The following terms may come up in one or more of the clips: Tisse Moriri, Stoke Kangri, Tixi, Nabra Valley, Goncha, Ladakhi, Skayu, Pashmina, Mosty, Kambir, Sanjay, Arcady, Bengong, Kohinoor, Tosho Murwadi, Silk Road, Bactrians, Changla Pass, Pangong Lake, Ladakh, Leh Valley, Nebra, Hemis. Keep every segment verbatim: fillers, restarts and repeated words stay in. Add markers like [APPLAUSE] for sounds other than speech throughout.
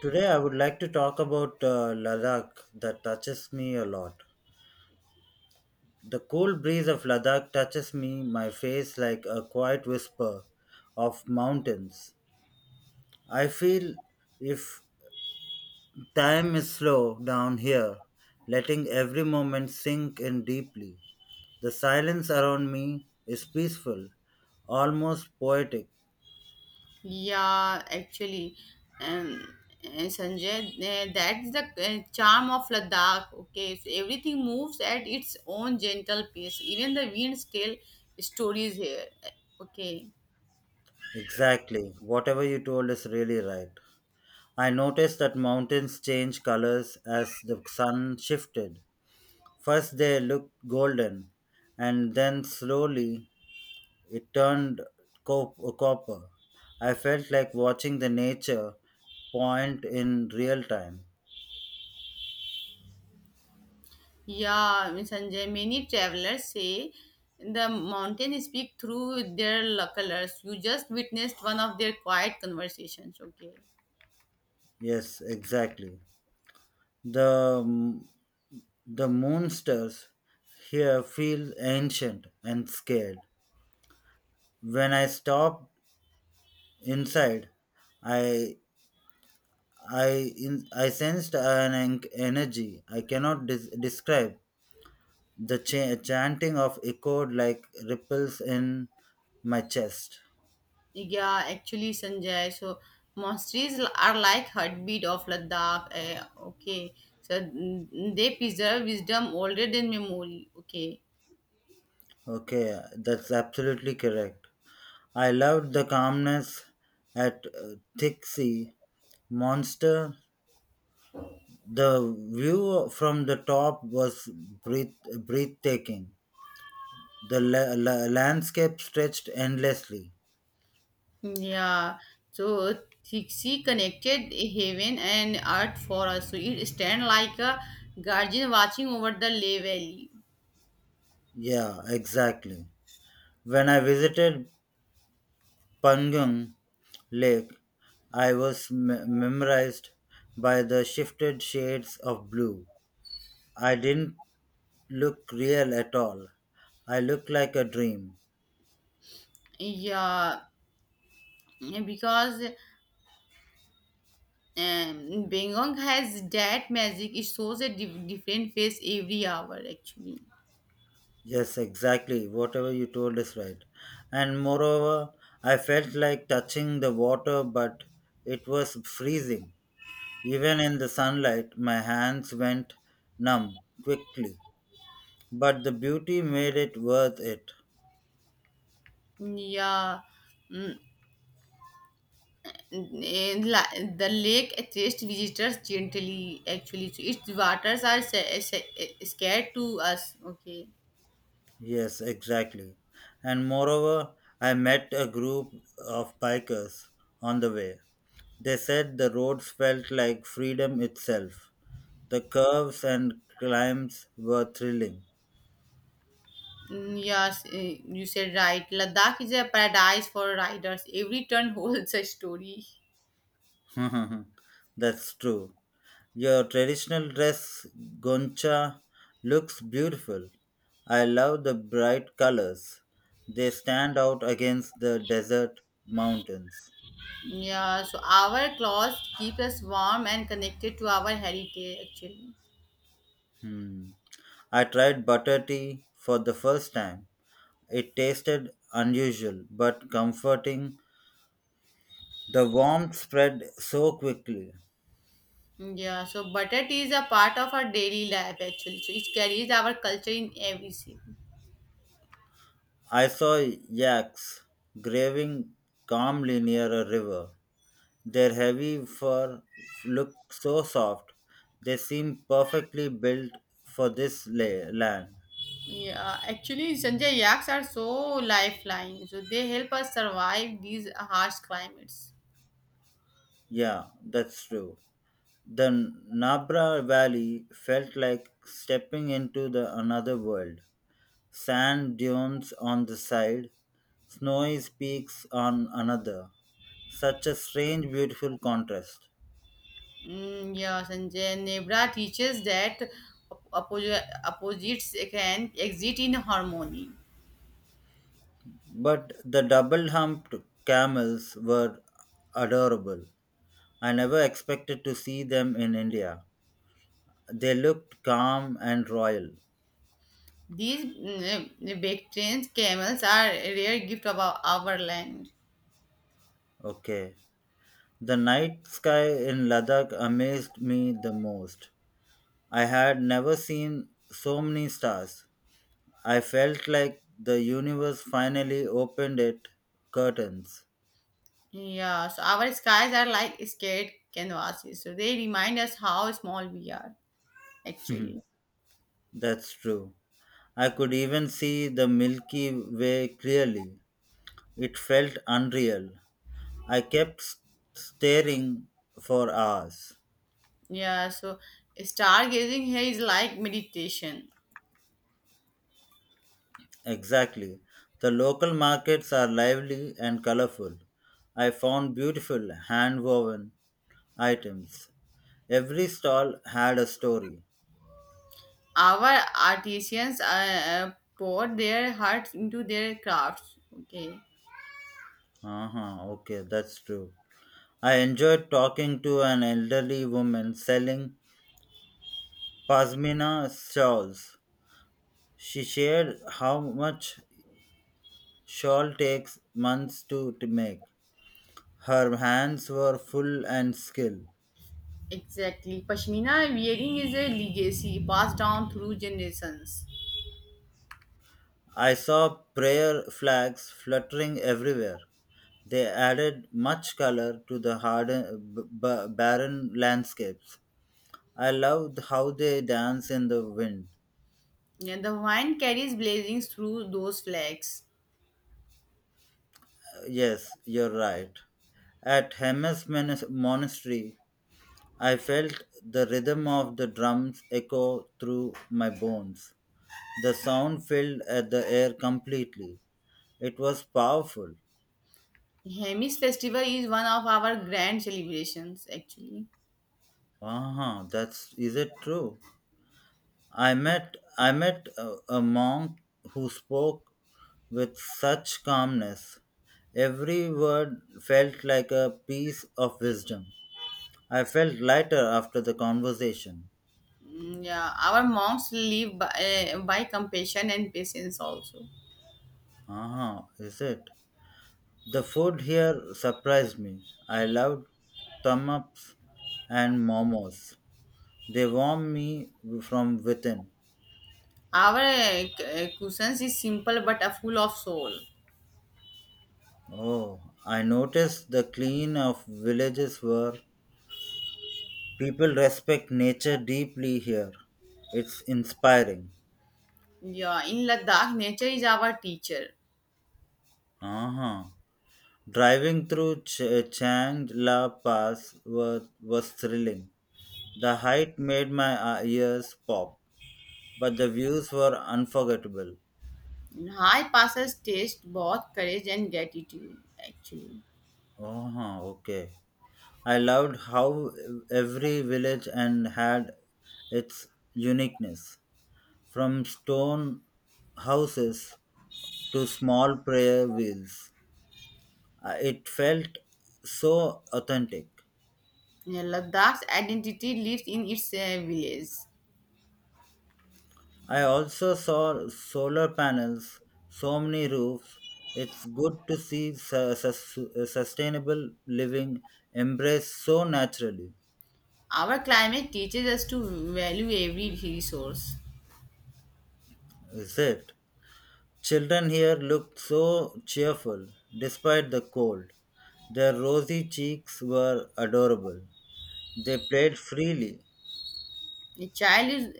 Today, I would like to talk about uh, Ladakh that touches me a lot. The cool breeze of Ladakh touches me, my face like a quiet whisper of mountains. I feel if time is slow down here, letting every moment sink in deeply. The silence around me is peaceful, almost poetic. Yeah, actually, um, uh, Sanjay, uh, that's the uh, charm of Ladakh. Okay, so everything moves at its own gentle pace. Even the winds tell stories here. Okay, Exactly, whatever you told is really right. I noticed that mountains changed colors as the sun shifted. First, they looked golden, and then slowly it turned cop- copper. I felt like watching the nature point in real time. yeah, Sanjay. Many travelers say the mountains speak through their colors. You just witnessed one of their quiet conversations. Okay. Yes, exactly. The, m- the moonsters here feel ancient and scared. When I stopped inside, I I in, I sensed an en- energy I cannot des- describe. The cha- chanting of echoed like ripples in my chest. Yeah, actually, Sanjay. So monasteries l- are like heartbeat of Ladakh. Eh, okay, so mm, they preserve wisdom older than memory. Okay, Okay, that's absolutely correct. I loved the calmness at uh, Thick Sea Monster. The view from the top was breath- breathtaking. The la- la- landscape stretched endlessly. yeah. So Tixi connected heaven and earth for us. So it stand like a guardian watching over the Leh Valley. Yeah, exactly. When I visited Pangong Lake, I was me- mesmerized by the shifted shades of blue. I didn't look real at all. I looked like a dream. Yeah, because um, Bengong has that magic. It shows a di- different face every hour. Actually, Yes, exactly. Whatever you told is right. And moreover, I felt like touching the water, but it was freezing. Even in the sunlight, my hands went numb quickly. But the beauty made it worth it. yeah. Mm, Eh, la- the lake attracts visitors gently actually, so its waters are sa- sa- scared to us. Okay. Yes, exactly. And moreover, I met a group of bikers on the way. They said the roads felt like freedom itself. The curves and climbs were thrilling. Mm, yes, eh, you said right, Ladakh is a paradise for riders. Every turn [LAUGHS] holds a story. [LAUGHS] That's true. Your traditional dress, Goncha, looks beautiful. I love the bright colors. They stand out against the desert mountains. Yeah, so our clothes keep us warm and connected to our heritage, actually. Hmm. I tried butter tea for the first time. It tasted unusual but comforting. The warmth spread so quickly. Yeah, so butter tea is a part of our daily life, actually, so it carries our culture in every shape. I saw yaks grazing calmly near a river. Their heavy fur looked so soft. They seemed perfectly built for this la- land. Yeah, actually, Sanjay, yaks are so lifeline. So they help us survive these harsh climates. Yeah, that's true. The Nabra Valley felt like stepping into the another world. Sand dunes on the side, snowy peaks on another. Such a strange, beautiful contrast. Mm, yeah, Sanjay, Nebra teaches that oppo- opposites can exist in harmony. But the double humped camels were adorable. I never expected to see them in India. They looked calm and royal. These mm, Bactrians camels are a rare gift of our, our land. Okay. The night sky in Ladakh amazed me the most. I had never seen so many stars. I felt like the universe finally opened its curtains. Yeah, so our skies are like scared canvases. So they remind us how small we are, [LAUGHS] actually. That's true. I could even see the Milky Way clearly. It felt unreal. I kept s- staring for hours. Yeah, so stargazing here is like meditation. Exactly. The local markets are lively and colorful. I found beautiful hand woven items. Every stall had a story. Our artisans uh, uh, pour their hearts into their crafts. Okay, Uh huh, okay, that's true. I enjoyed talking to an elderly woman selling pasmina shawls. She shared how much shawl takes months to, to make. Her hands were full and skilled. exactly. Pashmina weaving is a legacy passed down through generations. I saw prayer flags fluttering everywhere. They added much color to the harden, b- b- barren landscapes. I loved how they dance in the wind. Yeah, the wine carries blazings through those flags. Yes, you're right. At Hermes Monastery, I felt the rhythm of the drums echo through my bones. The sound filled at the air completely. It was powerful. Hemis festival is one of our grand celebrations, actually. Ah, that's is it true? I met I met a, a monk who spoke with such calmness. Every word felt like a piece of wisdom. I felt lighter after the conversation. Mm, Yeah, our monks live by, uh, by compassion and patience also. Ah, is it? The food here surprised me. I loved tumups and momos. They warm me from within. Our uh, c- uh, cushions is simple but uh, full of soul. Oh, I noticed the clean of villages where people respect nature deeply here. It's inspiring. Yeah, in Ladakh, nature is our teacher. Uh-huh. Driving through Ch- Changla Pass was, was thrilling. The height made my uh, ears pop, but the views were unforgettable. High passes taste both courage and gratitude, actually. Oh, okay. I loved how every village and had its uniqueness, from stone houses to small prayer wheels. Uh, It felt so authentic. Yeah, Ladakh's identity lives in its uh, village. I also saw solar panels, so many roofs. It's good to see su- sus- sustainable living embraced so naturally. Our climate teaches us to value every resource. Is it? Children here looked so cheerful despite the cold. Their rosy cheeks were adorable. They played freely. The childhood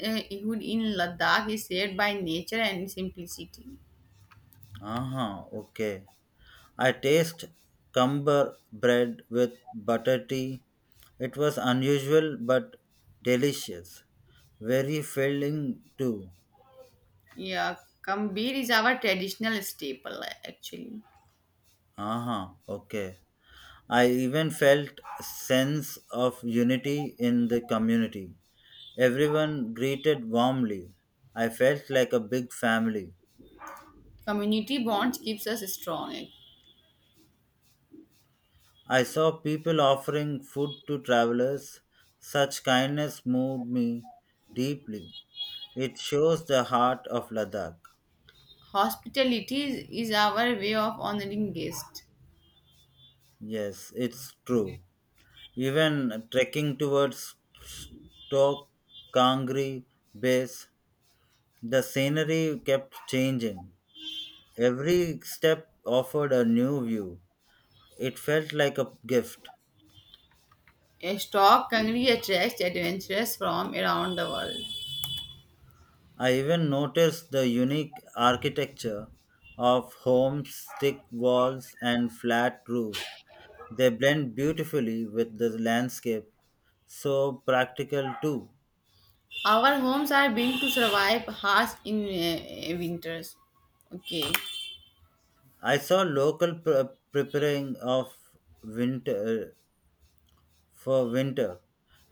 in Ladakh is shaped by nature and simplicity. Ah, okay. I taste cumber bread with butter tea. It was unusual but delicious. Very filling too. Yeah, Kambir is our traditional staple, actually. Ah, okay. I even felt a sense of unity in the community. Everyone greeted warmly. I felt like a big family. Community bonds keeps us strong. I saw people offering food to travelers. Such kindness moved me deeply. It shows the heart of Ladakh. Hospitality is, is our way of honoring guests. Yes, it's true. Even trekking towards Stoke Kangri base, the scenery kept changing. Every step offered a new view. It felt like a gift. A stock hungry attracts adventurers from around the world. I even noticed the unique architecture of homes, thick walls, and flat roofs. They blend beautifully with the landscape, so practical too. Our homes are built to survive harsh in uh, winters. Okay. I saw local pre- preparing of winter for winter,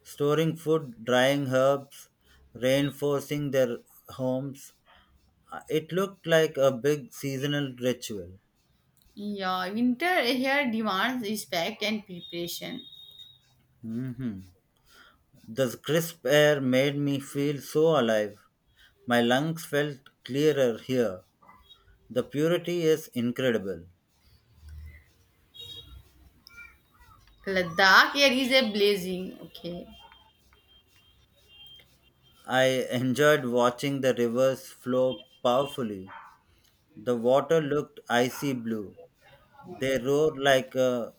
storing food, drying herbs, reinforcing their homes. Uh, It looked like a big seasonal ritual. Yeah, winter here demands respect and preparation. Hmm. The crisp air made me feel so alive. My lungs felt clearer here. The purity is incredible. Ladakh here is a blazing. Okay. I enjoyed watching the rivers flow powerfully. The water looked icy blue. They roared like uh,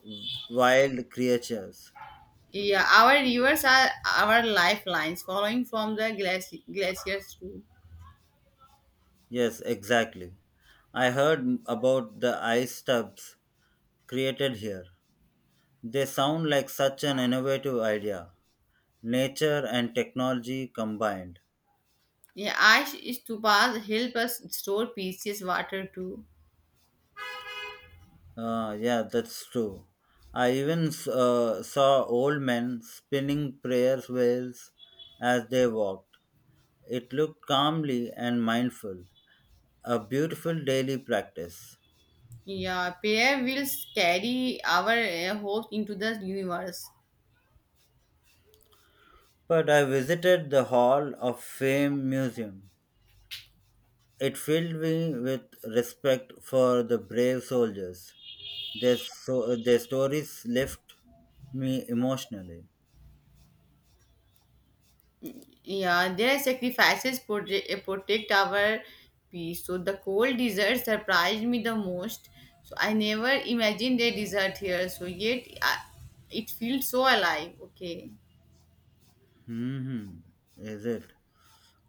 wild creatures. Yeah, our rivers are our lifelines, following from the glaci- glaciers too. Yes, exactly. I heard about the ice tubs created here. They sound like such an innovative idea. Nature and technology combined. Yeah, ice stupas help us store precious water too. Uh, yeah, that's true. I even s- uh, saw old men spinning prayer wheels as they walked. It looked calmly and mindful, a beautiful daily practice. Yeah, prayer will carry our uh, hopes into the universe. But I visited the Hall of Fame Museum. It filled me with respect for the brave soldiers. Their so their stories left me emotionally. Yeah, their sacrifices proje- uh, protect our peace. So the cold desert surprised me the most. So I never imagined a desert here. So yet I, it feels so alive. Okay. Hmm, is it?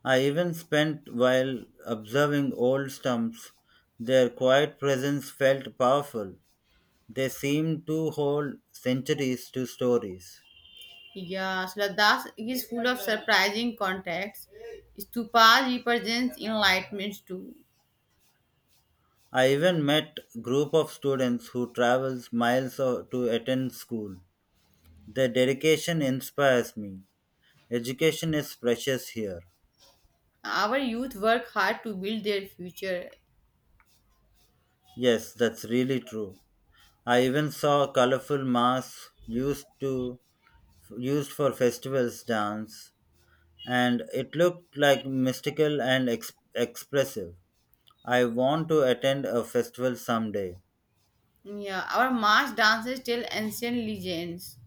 I even spent while observing old stumps. Their quiet presence felt powerful. They seemed to hold centuries to stories. Yeah, so Ladakh is full of surprising contacts. Stupas represents enlightenment too. I even met group of students who travels miles o- to attend school. Their dedication inspires me. Education is precious here. Our youth work hard to build their future. Yes, that's really true. I even saw colorful masks used to used for festivals dance, and it looked like mystical and ex- expressive. I want to attend a festival someday. Yeah, our mass dances tell ancient legends.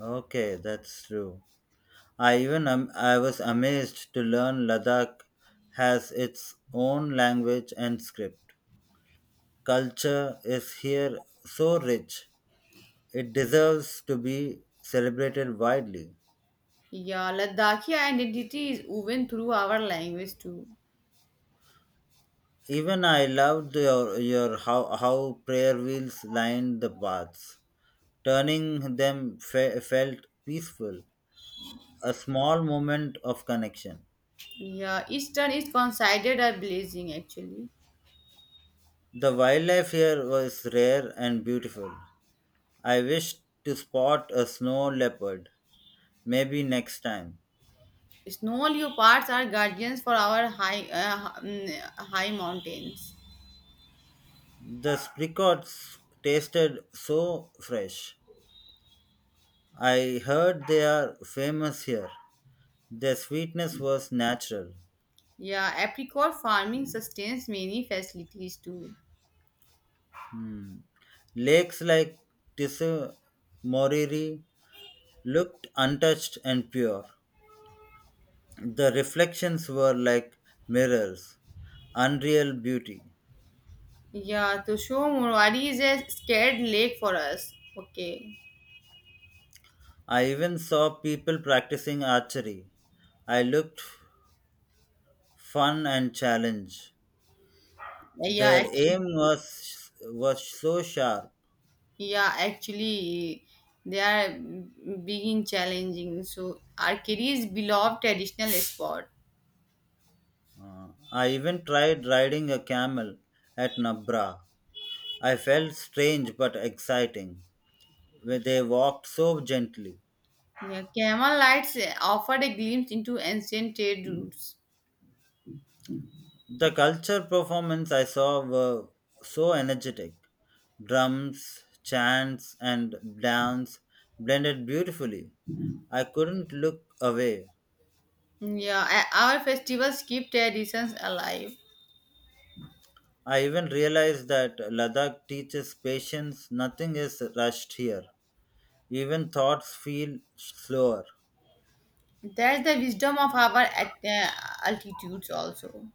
Okay, that's true. I even am, I was amazed to learn Ladakh has its own language and script. Culture is here so rich; it deserves to be celebrated widely. Yeah, Ladakhi identity is woven through our language too. Even I loved your, your how, how prayer wheels lined the paths. Turning them fe- felt peaceful, a small moment of connection. Yeah, eastern is considered a blessing, actually. The wildlife here was rare and beautiful. I wished to spot a snow leopard, maybe next time. Snow leopards are guardians for our high uh, mm, high mountains. The spricots tasted so fresh. I heard they are famous here. Their sweetness was natural. Yeah, apricot farming sustains many facilities too. Hmm. Lakes like Tisse Moriri looked untouched and pure. The reflections were like mirrors, unreal beauty. Yeah, Tosho Murwadi is a scared lake for us. Okay. I even saw people practicing archery. I looked fun and challenge. Yeah, Their actually. aim was was so sharp. Yeah, actually, they are mm, being challenging. So, Arcady is beloved traditional spot. Uh, I even tried riding a camel at Nabra. I felt strange but exciting. They walked so gently. Yeah, camel lights offered a glimpse into ancient trade routes. The culture performance I saw were so energetic. Drums, chants, and dance blended beautifully. I couldn't look away. Yeah, a- our festivals keep traditions alive. I even realized that Ladakh teaches patience, nothing is rushed here. Even thoughts feel slower. That's the wisdom of our at- uh, altitudes also.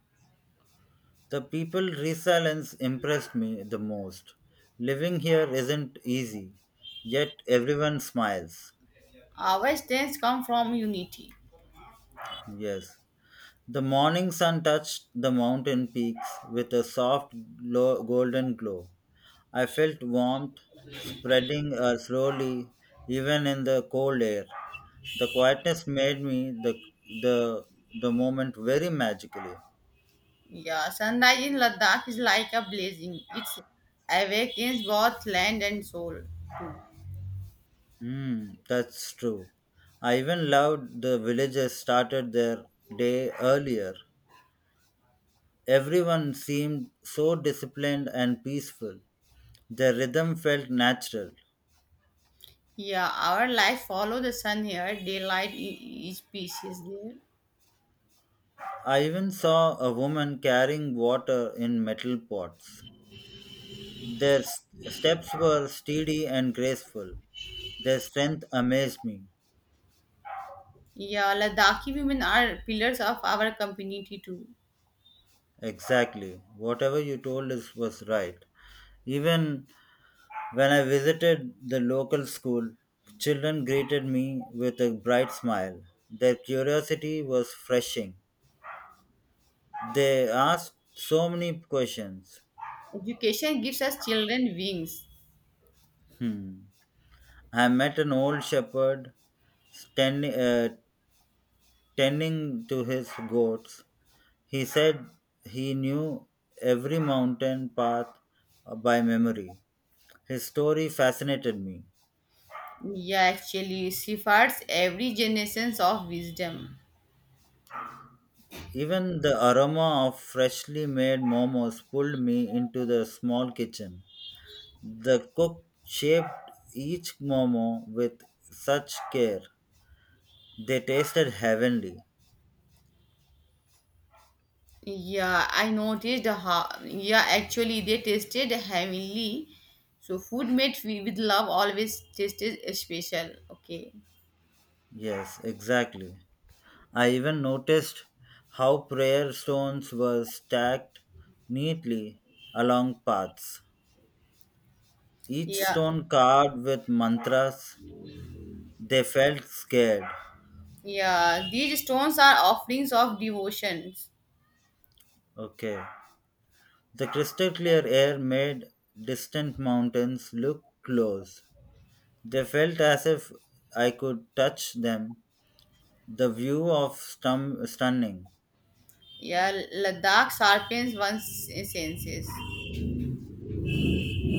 The people resilience impressed me the most. Living here isn't easy, yet everyone smiles. Our strengths come from unity. Yes. The morning sun touched the mountain peaks with a soft glow, golden glow. I felt warmth spreading uh, slowly, even in the cold air. The quietness made me the the the moment very magically. Yeah, sunrise in Ladakh is like a blazing. It awakens both land and soul too. Mm, that's true. I even loved the villagers started their day earlier. Everyone seemed so disciplined and peaceful. Their rhythm felt natural. Yeah, our life follow the sun here. Daylight e- each species there. I even saw a woman carrying water in metal pots. Their s- steps were steady and graceful. Their strength amazed me. Yeah, Ladakhi women are pillars of our community too. Exactly. Whatever you told us was right. Even when I visited the local school, children greeted me with a bright smile. Their curiosity was refreshing. They asked so many questions. Education gives us children wings. Hmm. I met an old shepherd standing, uh, tending to his goats, he said he knew every mountain path uh, by memory. His story fascinated me. Yeah, actually, safeguards every generation of wisdom. Even the aroma of freshly made momos pulled me into the small kitchen. The cook shaped each momo with such care. They tasted heavenly. Yeah, I noticed how. Yeah, actually, they tasted heavenly. So food made wi- with love always tasted special. Okay. Yes, exactly. I even noticed how prayer stones were stacked neatly along paths, each Yeah, stone carved with mantras. They felt scared. yeah. These stones are offerings of devotion. Okay. The crystal clear air made distant mountains look close. They felt as if I could touch them. The view of stum- stunning. Yeah, Ladakh sharpens one's senses.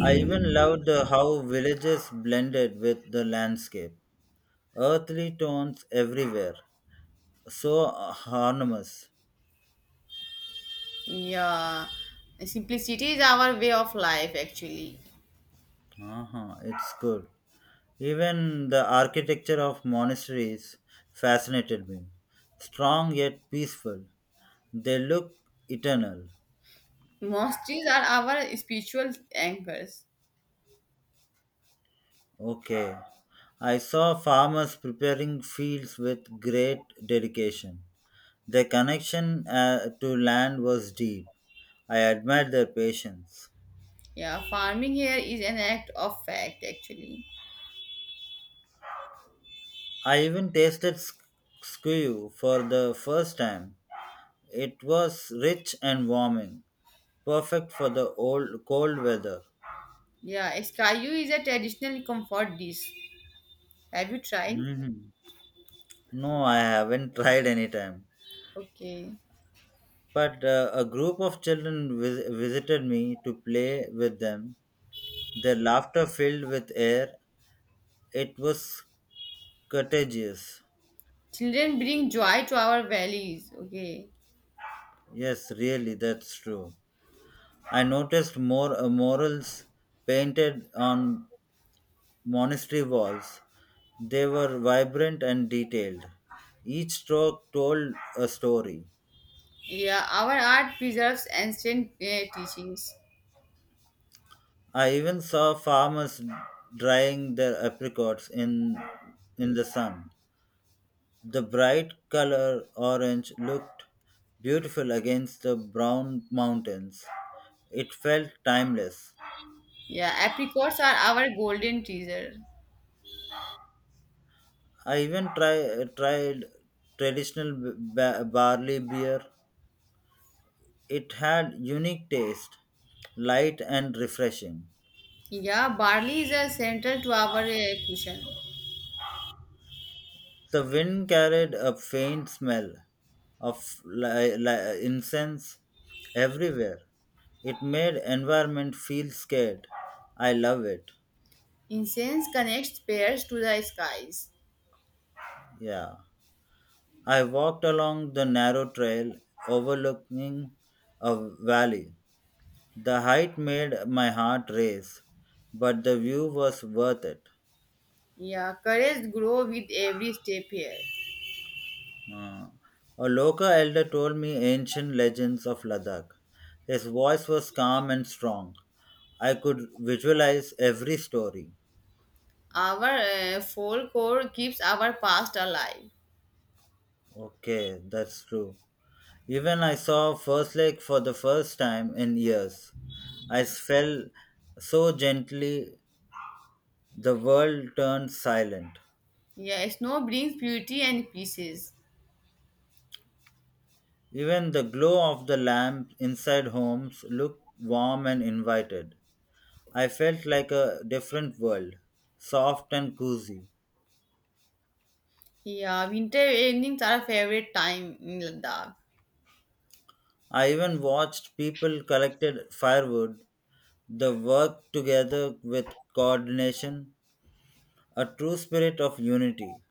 I even loved the how villages blended with the landscape. Earthly tones everywhere, so harmonious. Yeah, simplicity is our way of life, actually. Uh-huh, it's good. Even the architecture of monasteries fascinated me. Strong yet peaceful. They look eternal. Monasteries are our spiritual anchors. Okay. I saw farmers preparing fields with great dedication. Their connection uh, to land was deep. I admired their patience. Yeah, farming here is an act of fact, actually. I even tasted sq- skew for the first time. It was rich and warming. Perfect for the old cold weather. Yeah, Skayu is a traditional comfort dish. Have you tried? Mhm. No, I haven't tried any time. Okay. But uh, a group of children vis- visited me to play with them. Their laughter filled with air. It was contagious. Children bring joy to our valleys. Okay. Yes, really, that's true. I noticed more uh, murals painted on monastery walls. They were vibrant and detailed. Each stroke told a story. Yeah, our art preserves ancient uh, teachings. I even saw farmers drying their apricots in in the sun. The bright color orange looked beautiful against the brown mountains. It felt timeless. Yeah, apricots are our golden treasure. I even try, tried traditional ba- barley beer. It had unique taste, light and refreshing. Yeah, barley is a central to our uh, cushion. The wind carried a faint smell of li- li- incense everywhere. It made environment feel scared. I love it. Incense connects pairs to the skies. Yeah. I walked along the narrow trail overlooking a valley. The height made my heart race, but the view was worth it. Yeah, courage grow with every step here. Uh, a local elder told me ancient legends of Ladakh. His voice was calm and strong. I could visualize every story. Our uh, folklore keeps our past alive. Okay, that's true. Even I saw First Lake for the first time in years. I fell so gently, the world turned silent. Yeah, snow brings beauty and pieces. Even the glow of the lamp inside homes looked warm and invited. I felt like a different world, soft and cozy. Yeah, winter evenings are favorite time in Ladakh. I even watched people collected firewood, the work together with coordination, a true spirit of unity.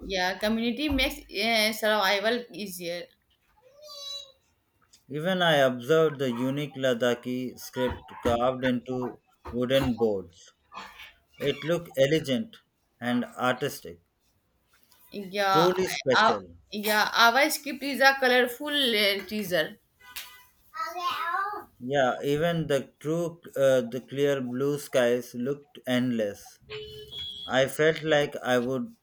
Yeah, community makes uh, survival easier. Even I observed the unique Ladakhi script carved into wooden boards. It looked elegant and artistic, Yeah, truly uh, special. yeah, our script is a colorful uh, teaser. Yeah, even the true, uh, the clear blue skies looked endless. I felt like I would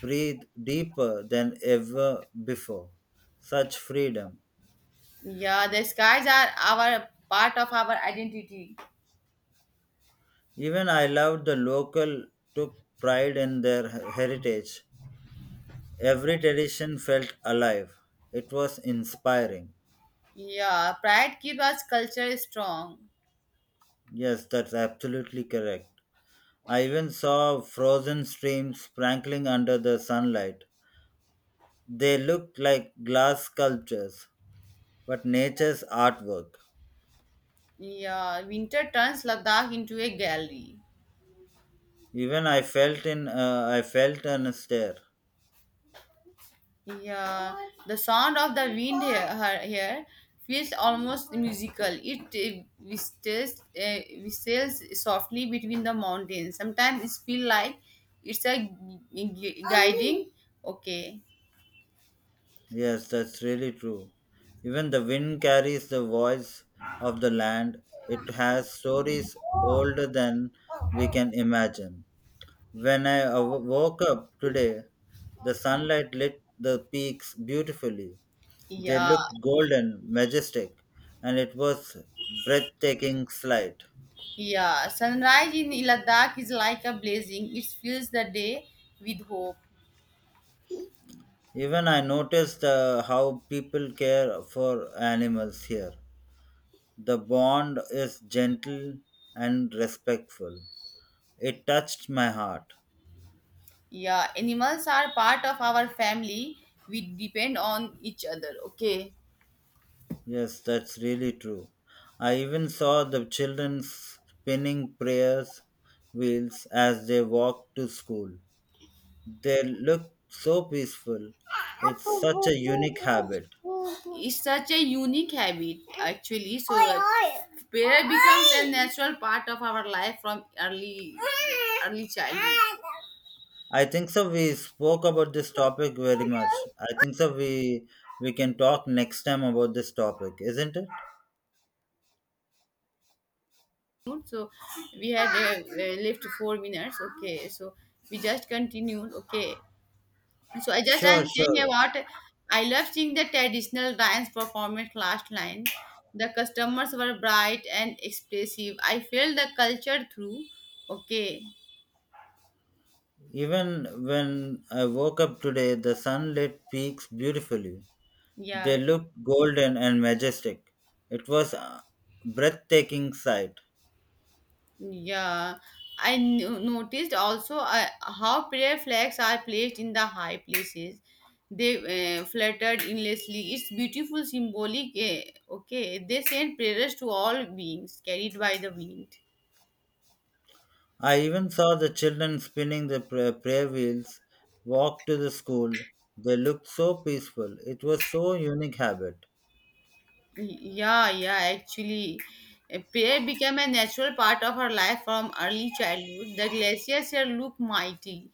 breathe deeper than ever before. Such freedom. Yeah, the skies are our part of our identity. Even I loved the local took pride in their he- heritage. Every tradition felt alive. It was inspiring. Yeah, pride keeps us culture strong. Yes, that's absolutely correct. I even saw frozen streams sparkling under the sunlight. They looked like glass sculptures, but nature's artwork. Yeah, winter turns Ladakh into a gallery. Even I felt in uh, I felt an stare. Yeah, the sound of the wind he- her- here feels almost musical. It uh, whistles, uh, whistles softly between the mountains. Sometimes it feels like it's a gu- gu- guiding. Okay. Yes, that's really true. Even the wind carries the voice of the land. It has stories older than we can imagine. When I aw- woke up today, the sunlight lit the peaks beautifully. They Yeah. looked golden, majestic, and it was breathtaking sight. Yeah, sunrise in Ladakh is like a blazing. It fills the day with hope. Even I noticed uh, how people care for animals here. The bond is gentle and respectful. It touched my heart. Yeah, animals are part of our family. We depend on each other. Okay. Yes, that's really true. I even saw the children spinning prayers wheels as they walked to school. They looked so peaceful. It's such a unique habit. It's such a unique habit, actually. So that prayer becomes a natural part of our life from early early childhood. I think so we spoke about this topic very much. I think so we we can talk next time about this topic, isn't it? Good, so we had uh, uh, left four minutes. Okay, so we just continued. Okay, so I just I'm Sure, saying sure. about I love seeing the traditional dance performance last line. The customers were bright and expressive. I felt the culture through. Okay, Even when I woke up today, the sun lit peaks beautifully. They yeah, looked golden and majestic. It was a breathtaking sight. yeah. I n- noticed also uh, how prayer flags are placed in the high places. They uh, fluttered endlessly. It's beautiful, symbolic. Eh, okay, they send prayers to all beings carried by the wind. I even saw the children spinning the pra- prayer wheels walk to the school. They looked so peaceful. It was so unique habit. Yeah, yeah, actually, uh, prayer became a natural part of her life from early childhood. The glaciers here look mighty.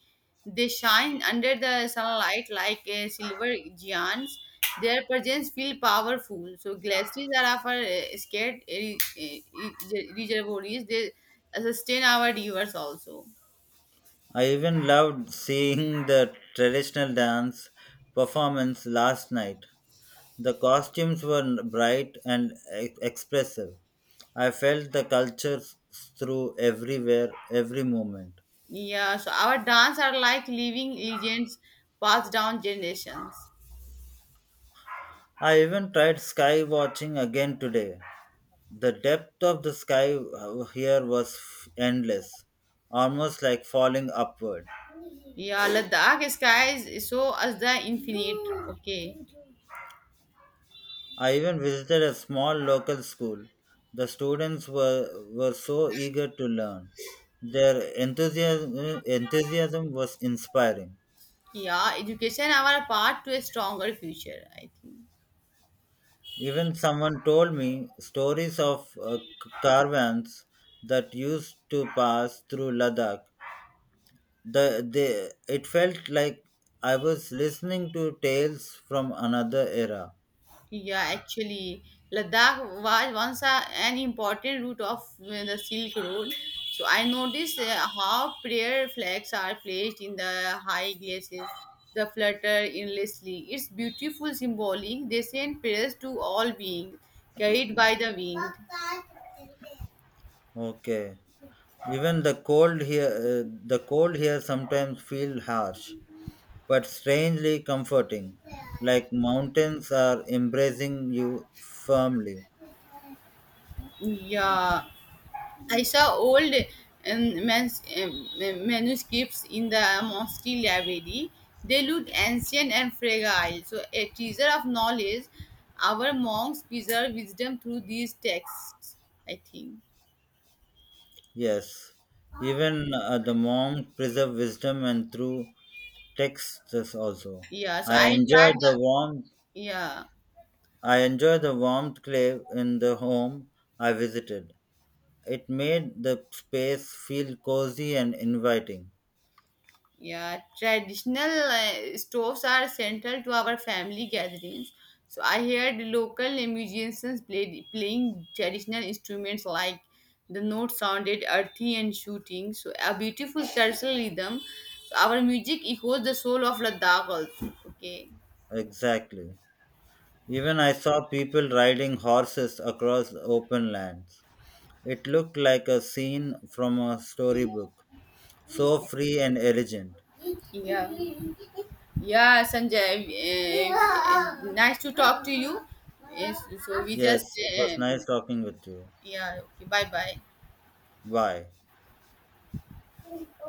They shine under the sunlight like uh, silver giants. Their presence feels powerful. So glaciers are of our uh, scared uh, uh, reservoirs. They sustain our rivers also. I even loved seeing the traditional dance performance last night. The costumes were bright and e- expressive. I felt the culture through everywhere, every moment. Yeah, so our dance are like living legends passed down generations. I even tried sky watching again today. The depth of the sky uh, here was f- endless, almost like falling upward. Yeah, Ladakh skies show us the infinite. Okay. I even visited a small local school. The students were, were so eager to learn. Their enthusiasm, enthusiasm was inspiring. Yeah, education our part to a stronger future, I think. Even someone told me stories of uh, c- caravans that used to pass through Ladakh the they it felt like I was listening to tales from another era. Yeah, actually, Ladakh was once a, an important route of uh, the Silk Road. So I noticed uh, how prayer flags are placed in the high glaciers. The flutter endlessly. It's beautiful, symbolic. They send prayers to all beings, carried by the wind. Okay, even the cold here uh, the cold here sometimes feel harsh but strangely comforting, like mountains are embracing you firmly. Yeah. I saw old um, mas- um, um, manuscripts in the Mosty library. They look ancient and fragile. So, a teacher of knowledge, our monks preserve wisdom through these texts, I think. Yes, even uh, the monk preserve wisdom and through texts also. Yeah, so i I enjoy enjoyed the the. warmth Yeah. I enjoy the warmth clay in the home I visited. It made the space feel cozy and inviting. Yeah, traditional uh, stoves are central to our family gatherings. So I heard local musicians played, playing traditional instruments like the notes sounded earthy and shooting. So a beautiful cultural rhythm. So our music echoes the soul of Ladakh also. Okay. Exactly. Even I saw people riding horses across open lands. It looked like a scene from a storybook. So free and elegant. Yeah. Yeah, Sanjay. Uh, uh, nice to talk to you. Yes, so we just Yes, it was um, nice talking with you. yeah. Okay. Bye Bye. bye.